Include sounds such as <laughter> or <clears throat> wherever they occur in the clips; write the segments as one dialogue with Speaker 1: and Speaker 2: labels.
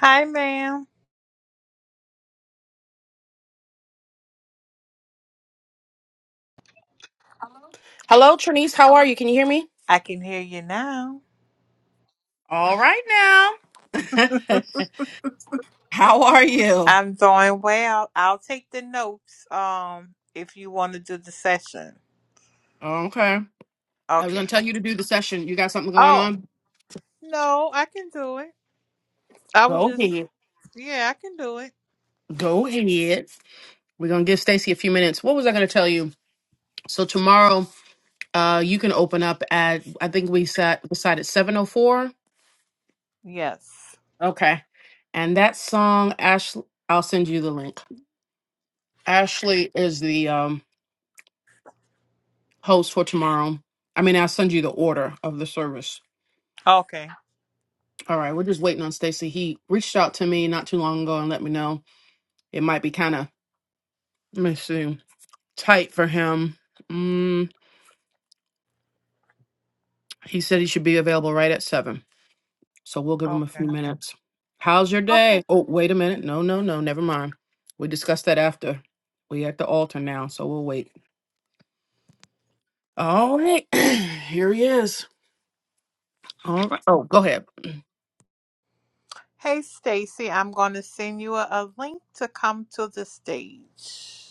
Speaker 1: Hi, ma'am.
Speaker 2: Hello, Trinice. How are you? Can you hear me?
Speaker 1: I can hear you now.
Speaker 2: All right now. <laughs> How are you?
Speaker 1: I'm doing well. I'll take the notes um if you want to do the session.
Speaker 2: Okay. I was
Speaker 1: Okay.
Speaker 2: gonna tell you to do the session. You got something going
Speaker 1: Oh,
Speaker 2: on?
Speaker 1: no, I can do it. I was
Speaker 2: Go
Speaker 1: just
Speaker 2: ahead.
Speaker 1: yeah, I can do it.
Speaker 2: Go ahead. We're gonna give Stacy a few minutes. What was I gonna tell you? So tomorrow, uh, you can open up at I think we sat decided seven oh four.
Speaker 1: Yes.
Speaker 2: Okay. And that song, Ashley I'll send you the link. Ashley is the um host for tomorrow. I mean, I'll send you the order of the service.
Speaker 1: Okay.
Speaker 2: All right, we're just waiting on Stacy. He reached out to me not too long ago and let me know it might be kind of let me see tight for him. Mm, he said he should be available right at seven, so we'll give him a
Speaker 1: Okay.
Speaker 2: few minutes. How's your
Speaker 1: Okay.
Speaker 2: day? Oh, wait a minute. No, no, no. Never mind. We discussed that after. We at the altar now, so we'll wait. All right, <clears throat> here he is. All right. Oh, go ahead.
Speaker 1: Hey, Stacy, I'm going to send you a, a link to come to the stage.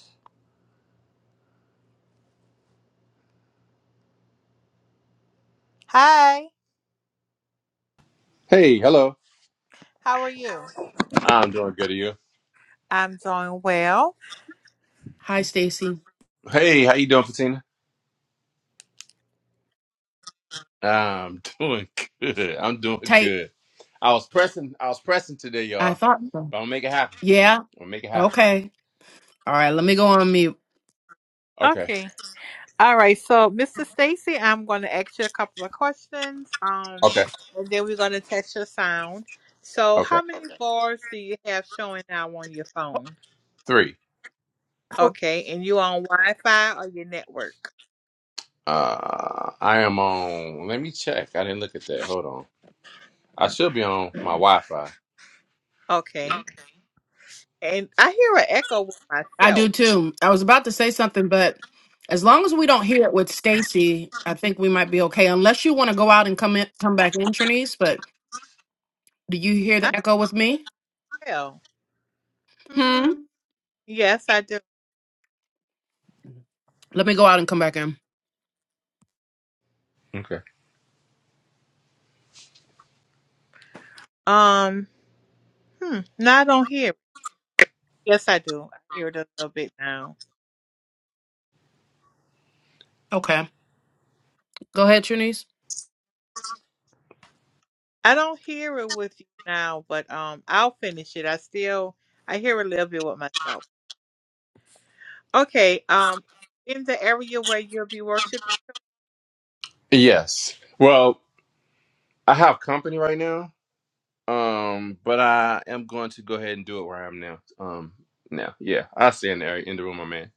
Speaker 1: Hi.
Speaker 3: Hey, hello.
Speaker 1: How are you?
Speaker 3: I'm doing good. Are you?
Speaker 1: I'm doing well.
Speaker 2: Hi, Stacy.
Speaker 3: Hey, how you doing, Patina? I'm <laughs> doing good. I'm doing
Speaker 2: Tight.
Speaker 3: good. I was pressing. I was pressing today,
Speaker 2: I
Speaker 3: y'all.
Speaker 2: thought so.
Speaker 3: But I'm gonna make it happen.
Speaker 2: Yeah.
Speaker 3: I'm gonna make it happen.
Speaker 2: Okay. All right. Let me go on mute.
Speaker 3: Okay.
Speaker 1: Okay. All right, so Mr. Stacy, I'm going to ask you a couple of questions, um,
Speaker 3: Okay.
Speaker 1: and then we're going to test your sound. So,
Speaker 3: Okay.
Speaker 1: how many Okay. bars do you have showing now on your phone?
Speaker 3: Three.
Speaker 1: Okay, and you on Wi-Fi or your network?
Speaker 3: Uh, I am on. Let me check. I didn't look at that. Hold on. I should be on my Wi-Fi. Yeah.
Speaker 1: Okay, and I hear an echo with
Speaker 2: I do
Speaker 1: myself.
Speaker 2: too. I was about to say something, but as long as we don't hear it with Stacy, I think we might be okay. Unless you want to go out and come in, come back in, Trinise. But do you hear
Speaker 1: I
Speaker 2: the echo with me?
Speaker 1: tell. Hmm.
Speaker 2: Hmm.
Speaker 1: yes, I do.
Speaker 2: Let me go out and come back in.
Speaker 3: Okay.
Speaker 1: Um, hmm, no, I don't hear. It. Yes, I do. I hear it a little bit now.
Speaker 2: Okay. Go ahead, Trinise.
Speaker 1: I don't hear it with you now, but um, I'll finish it. I still I hear a little bit with myself. Okay, um, in the area where you'll be worshiping.
Speaker 3: Yes. Well, I have company right now. Um, but I am going to go ahead and do it where I am now. Um, now, yeah. I'll see you in the, in the room, my man.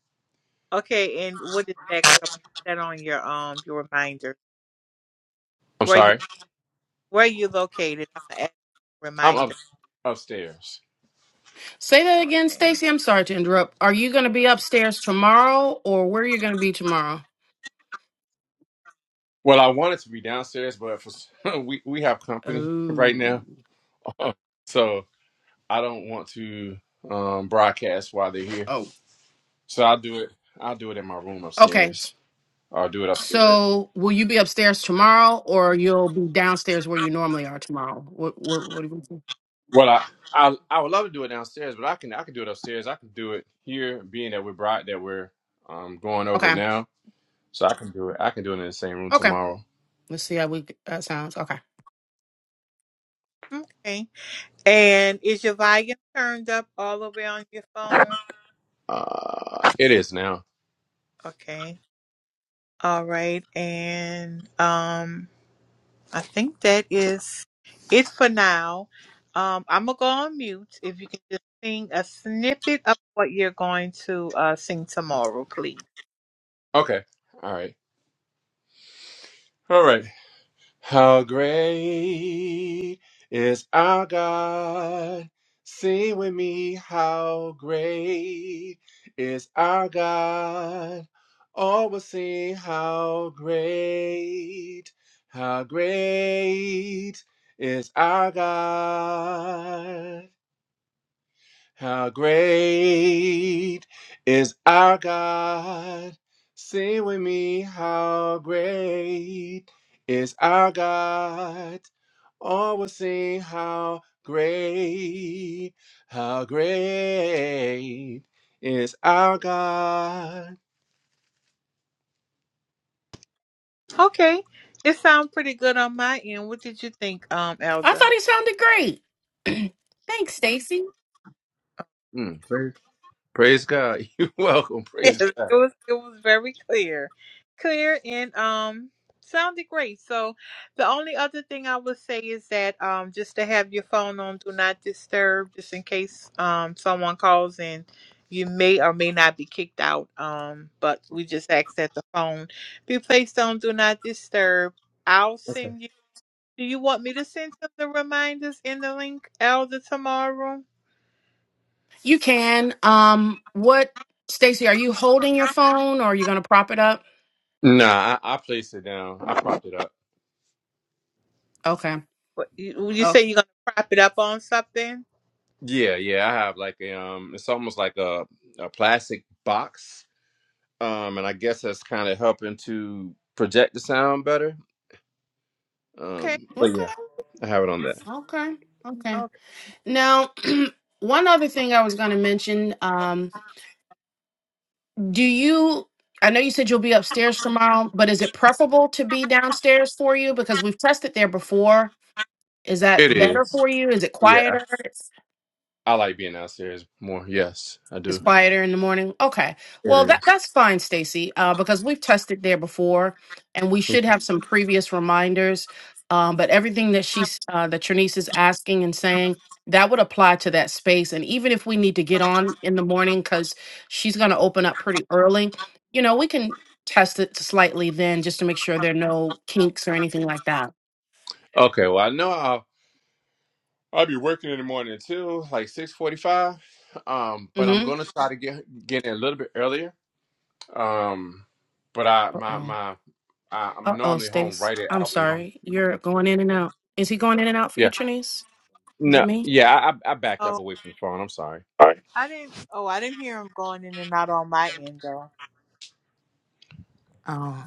Speaker 1: Okay, and what is that? Because I'm going put that on your um your reminder.
Speaker 3: I'm
Speaker 1: Where you
Speaker 3: sorry.
Speaker 1: where you located? I'm gonna add
Speaker 3: I'm up
Speaker 1: reminder.
Speaker 3: upstairs.
Speaker 2: Say that again,
Speaker 1: Okay.
Speaker 2: Stacy. I'm sorry to interrupt. Are you going to be upstairs tomorrow, or where are you going to be tomorrow?
Speaker 3: Well, I wanted to be downstairs, but for <laughs> we we have company <laughs> right
Speaker 2: Oh.
Speaker 3: now, so I don't want to um, broadcast while they're here.
Speaker 2: Oh.
Speaker 3: So I'll do it. I'll do it in my room
Speaker 2: Okay.
Speaker 3: upstairs. I'll do it upstairs.
Speaker 2: So, will you be upstairs tomorrow, or you'll be downstairs where you normally are tomorrow? What? What? What do you think?
Speaker 3: Well, I, I I would love to do it downstairs, but I can I can do it upstairs. I can do it here, being that we're broad that we're um, going over it
Speaker 2: Okay.
Speaker 3: now. So I can do it. I can do it in the same room
Speaker 2: Okay.
Speaker 3: tomorrow.
Speaker 2: Let's see how we uh, sounds. Okay.
Speaker 1: Okay. And is your volume turned up all the way on your phone?
Speaker 3: Uh, it is now.
Speaker 1: Okay. All right. And um, I think that is it for now. Um, I'm gonna go on mute. If you can just sing a snippet of what you're going to uh sing tomorrow, please.
Speaker 3: Okay. All right. All right. How great is our God? Sing with me, how great is our God? All will sing, how great, how great is our God? How great is our God? Sing with me, how great is our God? All will sing how great, how great is our God.
Speaker 1: Okay. It sounds pretty good on my end. What did you think, um,
Speaker 2: I
Speaker 1: Elder?
Speaker 2: thought he sounded great. <clears throat> Thanks, Stacy.
Speaker 3: Mm, praise, praise God. <laughs> You're welcome.
Speaker 1: <laughs> it
Speaker 3: Praise God.
Speaker 1: was it was very clear. Clear and um sounded great. So the only other thing I would say is that um just to have your phone on do not disturb just in case um someone calls and you may or may not be kicked out. Um but we just ask that the phone be placed on do not disturb. I'll send you do you want me to send you the reminders in the link, Elder, tomorrow?
Speaker 2: You can. Um, what, Stacy? Are you holding your phone, or are you gonna prop it up?
Speaker 3: Nah, I, I placed it down. I propped it up.
Speaker 2: Okay.
Speaker 1: What, you, you
Speaker 2: Oh.
Speaker 1: say you're gonna prop it up on something?
Speaker 3: Yeah, yeah. I have like a, um, it's almost like a a plastic box. Um, and I guess that's kind of helping to project the sound better.
Speaker 1: Okay.
Speaker 3: Um, but
Speaker 2: Okay.
Speaker 3: yeah, I have it on that.
Speaker 2: Okay. Okay.
Speaker 1: Okay.
Speaker 2: Now, <clears throat> one other thing I was gonna mention. Um, do you? I know you said you'll be upstairs tomorrow, but is it preferable to be downstairs for you because we've tested there before? Is that
Speaker 3: It
Speaker 2: better
Speaker 3: is.
Speaker 2: for you? Is it
Speaker 3: Yeah,
Speaker 2: quieter?
Speaker 3: I like being downstairs more. Yes, I
Speaker 2: It's
Speaker 3: do.
Speaker 2: quieter in the morning. Okay. Well,
Speaker 3: It
Speaker 2: that that's fine, Stacy, uh, because we've tested there before, and we
Speaker 3: is.
Speaker 2: should have some previous reminders. Um, but everything that she's uh, that your niece is asking and saying that would apply to that space. And even if we need to get on in the morning because she's going to open up pretty early, you know, we can test it slightly then just to make sure there are no kinks or anything like that.
Speaker 3: Okay, well I know I'll I'll be working in the morning too, like six forty five. Um, but I'm
Speaker 2: Mm-hmm.
Speaker 3: gonna try to get get in a little bit earlier. Um, but I
Speaker 2: Uh
Speaker 3: my
Speaker 2: oh.
Speaker 3: my I, I'm
Speaker 2: Uh oh,
Speaker 3: normally home
Speaker 2: Stace.
Speaker 3: right at
Speaker 2: I'm
Speaker 3: hour nine.
Speaker 2: sorry. You're going in and out. Is he going in and out for you,
Speaker 3: Yeah,
Speaker 2: Trinice? Is it
Speaker 3: no,
Speaker 2: me?
Speaker 3: yeah, I I I backed up
Speaker 1: Oh,
Speaker 3: away from the phone. I'm sorry.
Speaker 1: I didn't. Oh, I didn't hear him going in and out on my end though.
Speaker 2: Oh,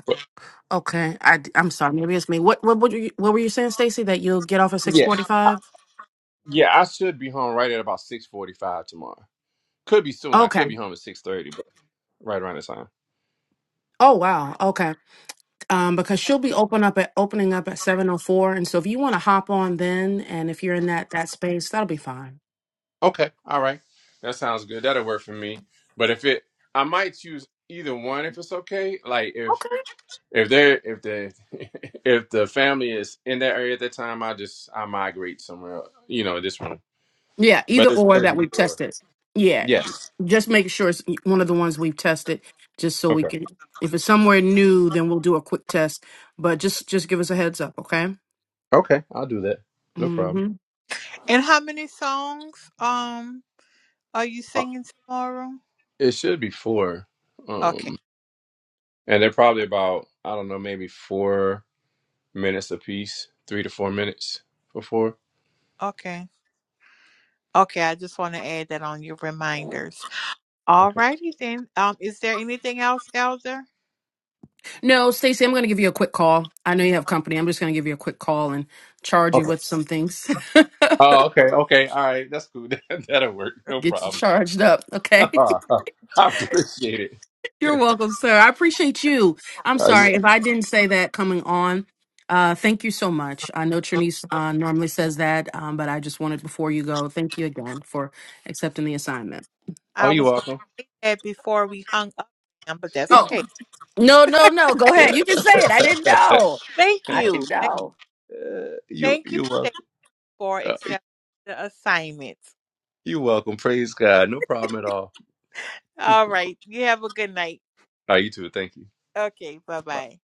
Speaker 2: okay. I am sorry. Maybe it's me. What what what, you, what were you saying, Stacy? That you'll get off at six
Speaker 3: Yeah,
Speaker 2: forty five?
Speaker 3: yeah, I should be home right at about six forty five tomorrow. Could be soon. I could
Speaker 2: Okay.
Speaker 3: be home at six thirty, but right around this time.
Speaker 2: Oh wow. Okay. Um, because she'll be open up at opening up at seven oh four, and so if you want to hop on then, and if you're in that that space, that'll be fine.
Speaker 3: Okay, all right, that sounds good. That'll work for me. But if it, I might choose either one if it's okay. Like if
Speaker 2: Okay.
Speaker 3: If they're if they <laughs> if the family is in that area at that time, I just I migrate somewhere. else, You know, this one.
Speaker 2: Yeah.
Speaker 3: But
Speaker 2: Either
Speaker 3: it's
Speaker 2: or
Speaker 3: gonna be
Speaker 2: that we've
Speaker 3: either or.
Speaker 2: tested. Yeah.
Speaker 3: Yes.
Speaker 2: Just make sure it's one of the ones we've tested, just so we
Speaker 3: Okay.
Speaker 2: can. If it's somewhere new, then we'll do a quick test. But just just give us a heads up, okay?
Speaker 3: Okay, I'll do that. No
Speaker 2: Mm-hmm.
Speaker 3: problem.
Speaker 1: And how many songs um are you
Speaker 3: Uh,
Speaker 1: singing tomorrow?
Speaker 3: It should be four.
Speaker 1: Okay.
Speaker 3: Um, and they're probably about I don't know maybe four minutes apiece, three to four minutes for four.
Speaker 1: Okay. Okay. I just want to add that on your reminders. All
Speaker 3: Okay.
Speaker 1: righty then. Um, is there anything else, Elder?
Speaker 2: No, Stacey, I'm going to give you a quick call. I know you have company. I'm just going to give you a quick call and charge you
Speaker 3: Okay.
Speaker 2: with some things.
Speaker 3: Oh, okay. Okay. All right. That's cool. <laughs> That, That'll work.
Speaker 2: <laughs>
Speaker 3: No
Speaker 2: Get you
Speaker 3: problem.
Speaker 2: charged up,
Speaker 3: <laughs>
Speaker 2: okay?
Speaker 3: I
Speaker 2: <laughs>
Speaker 3: appreciate it.
Speaker 2: You're
Speaker 3: <laughs>
Speaker 2: welcome, sir. I appreciate you. I'm
Speaker 3: Are you?
Speaker 2: sorry if I didn't say that coming on. Uh, thank you so much. I know Trinice uh, normally says that, um, but I just wanted before you go, thank you again for accepting the assignment.
Speaker 1: I
Speaker 3: Are you
Speaker 1: was going
Speaker 3: welcome?
Speaker 1: to say that before we hung up, Sam, but that's
Speaker 2: Oh,
Speaker 1: okay.
Speaker 2: no, no, no. Go ahead. You
Speaker 3: <laughs>
Speaker 2: can say it. I didn't
Speaker 3: Yeah.
Speaker 2: know.
Speaker 1: Thank
Speaker 3: <laughs>
Speaker 2: I
Speaker 1: you.
Speaker 2: didn't
Speaker 1: Thank,
Speaker 2: know.
Speaker 3: You
Speaker 1: thank you
Speaker 3: you welcome.
Speaker 1: Stacy, for
Speaker 3: Uh,
Speaker 1: accepting the assignment.
Speaker 3: You welcome. Praise God. No problem at all. All
Speaker 1: All right. You have a good night.
Speaker 3: right, you too. Thank you.
Speaker 1: Okay. Bye
Speaker 3: Bye.
Speaker 1: bye.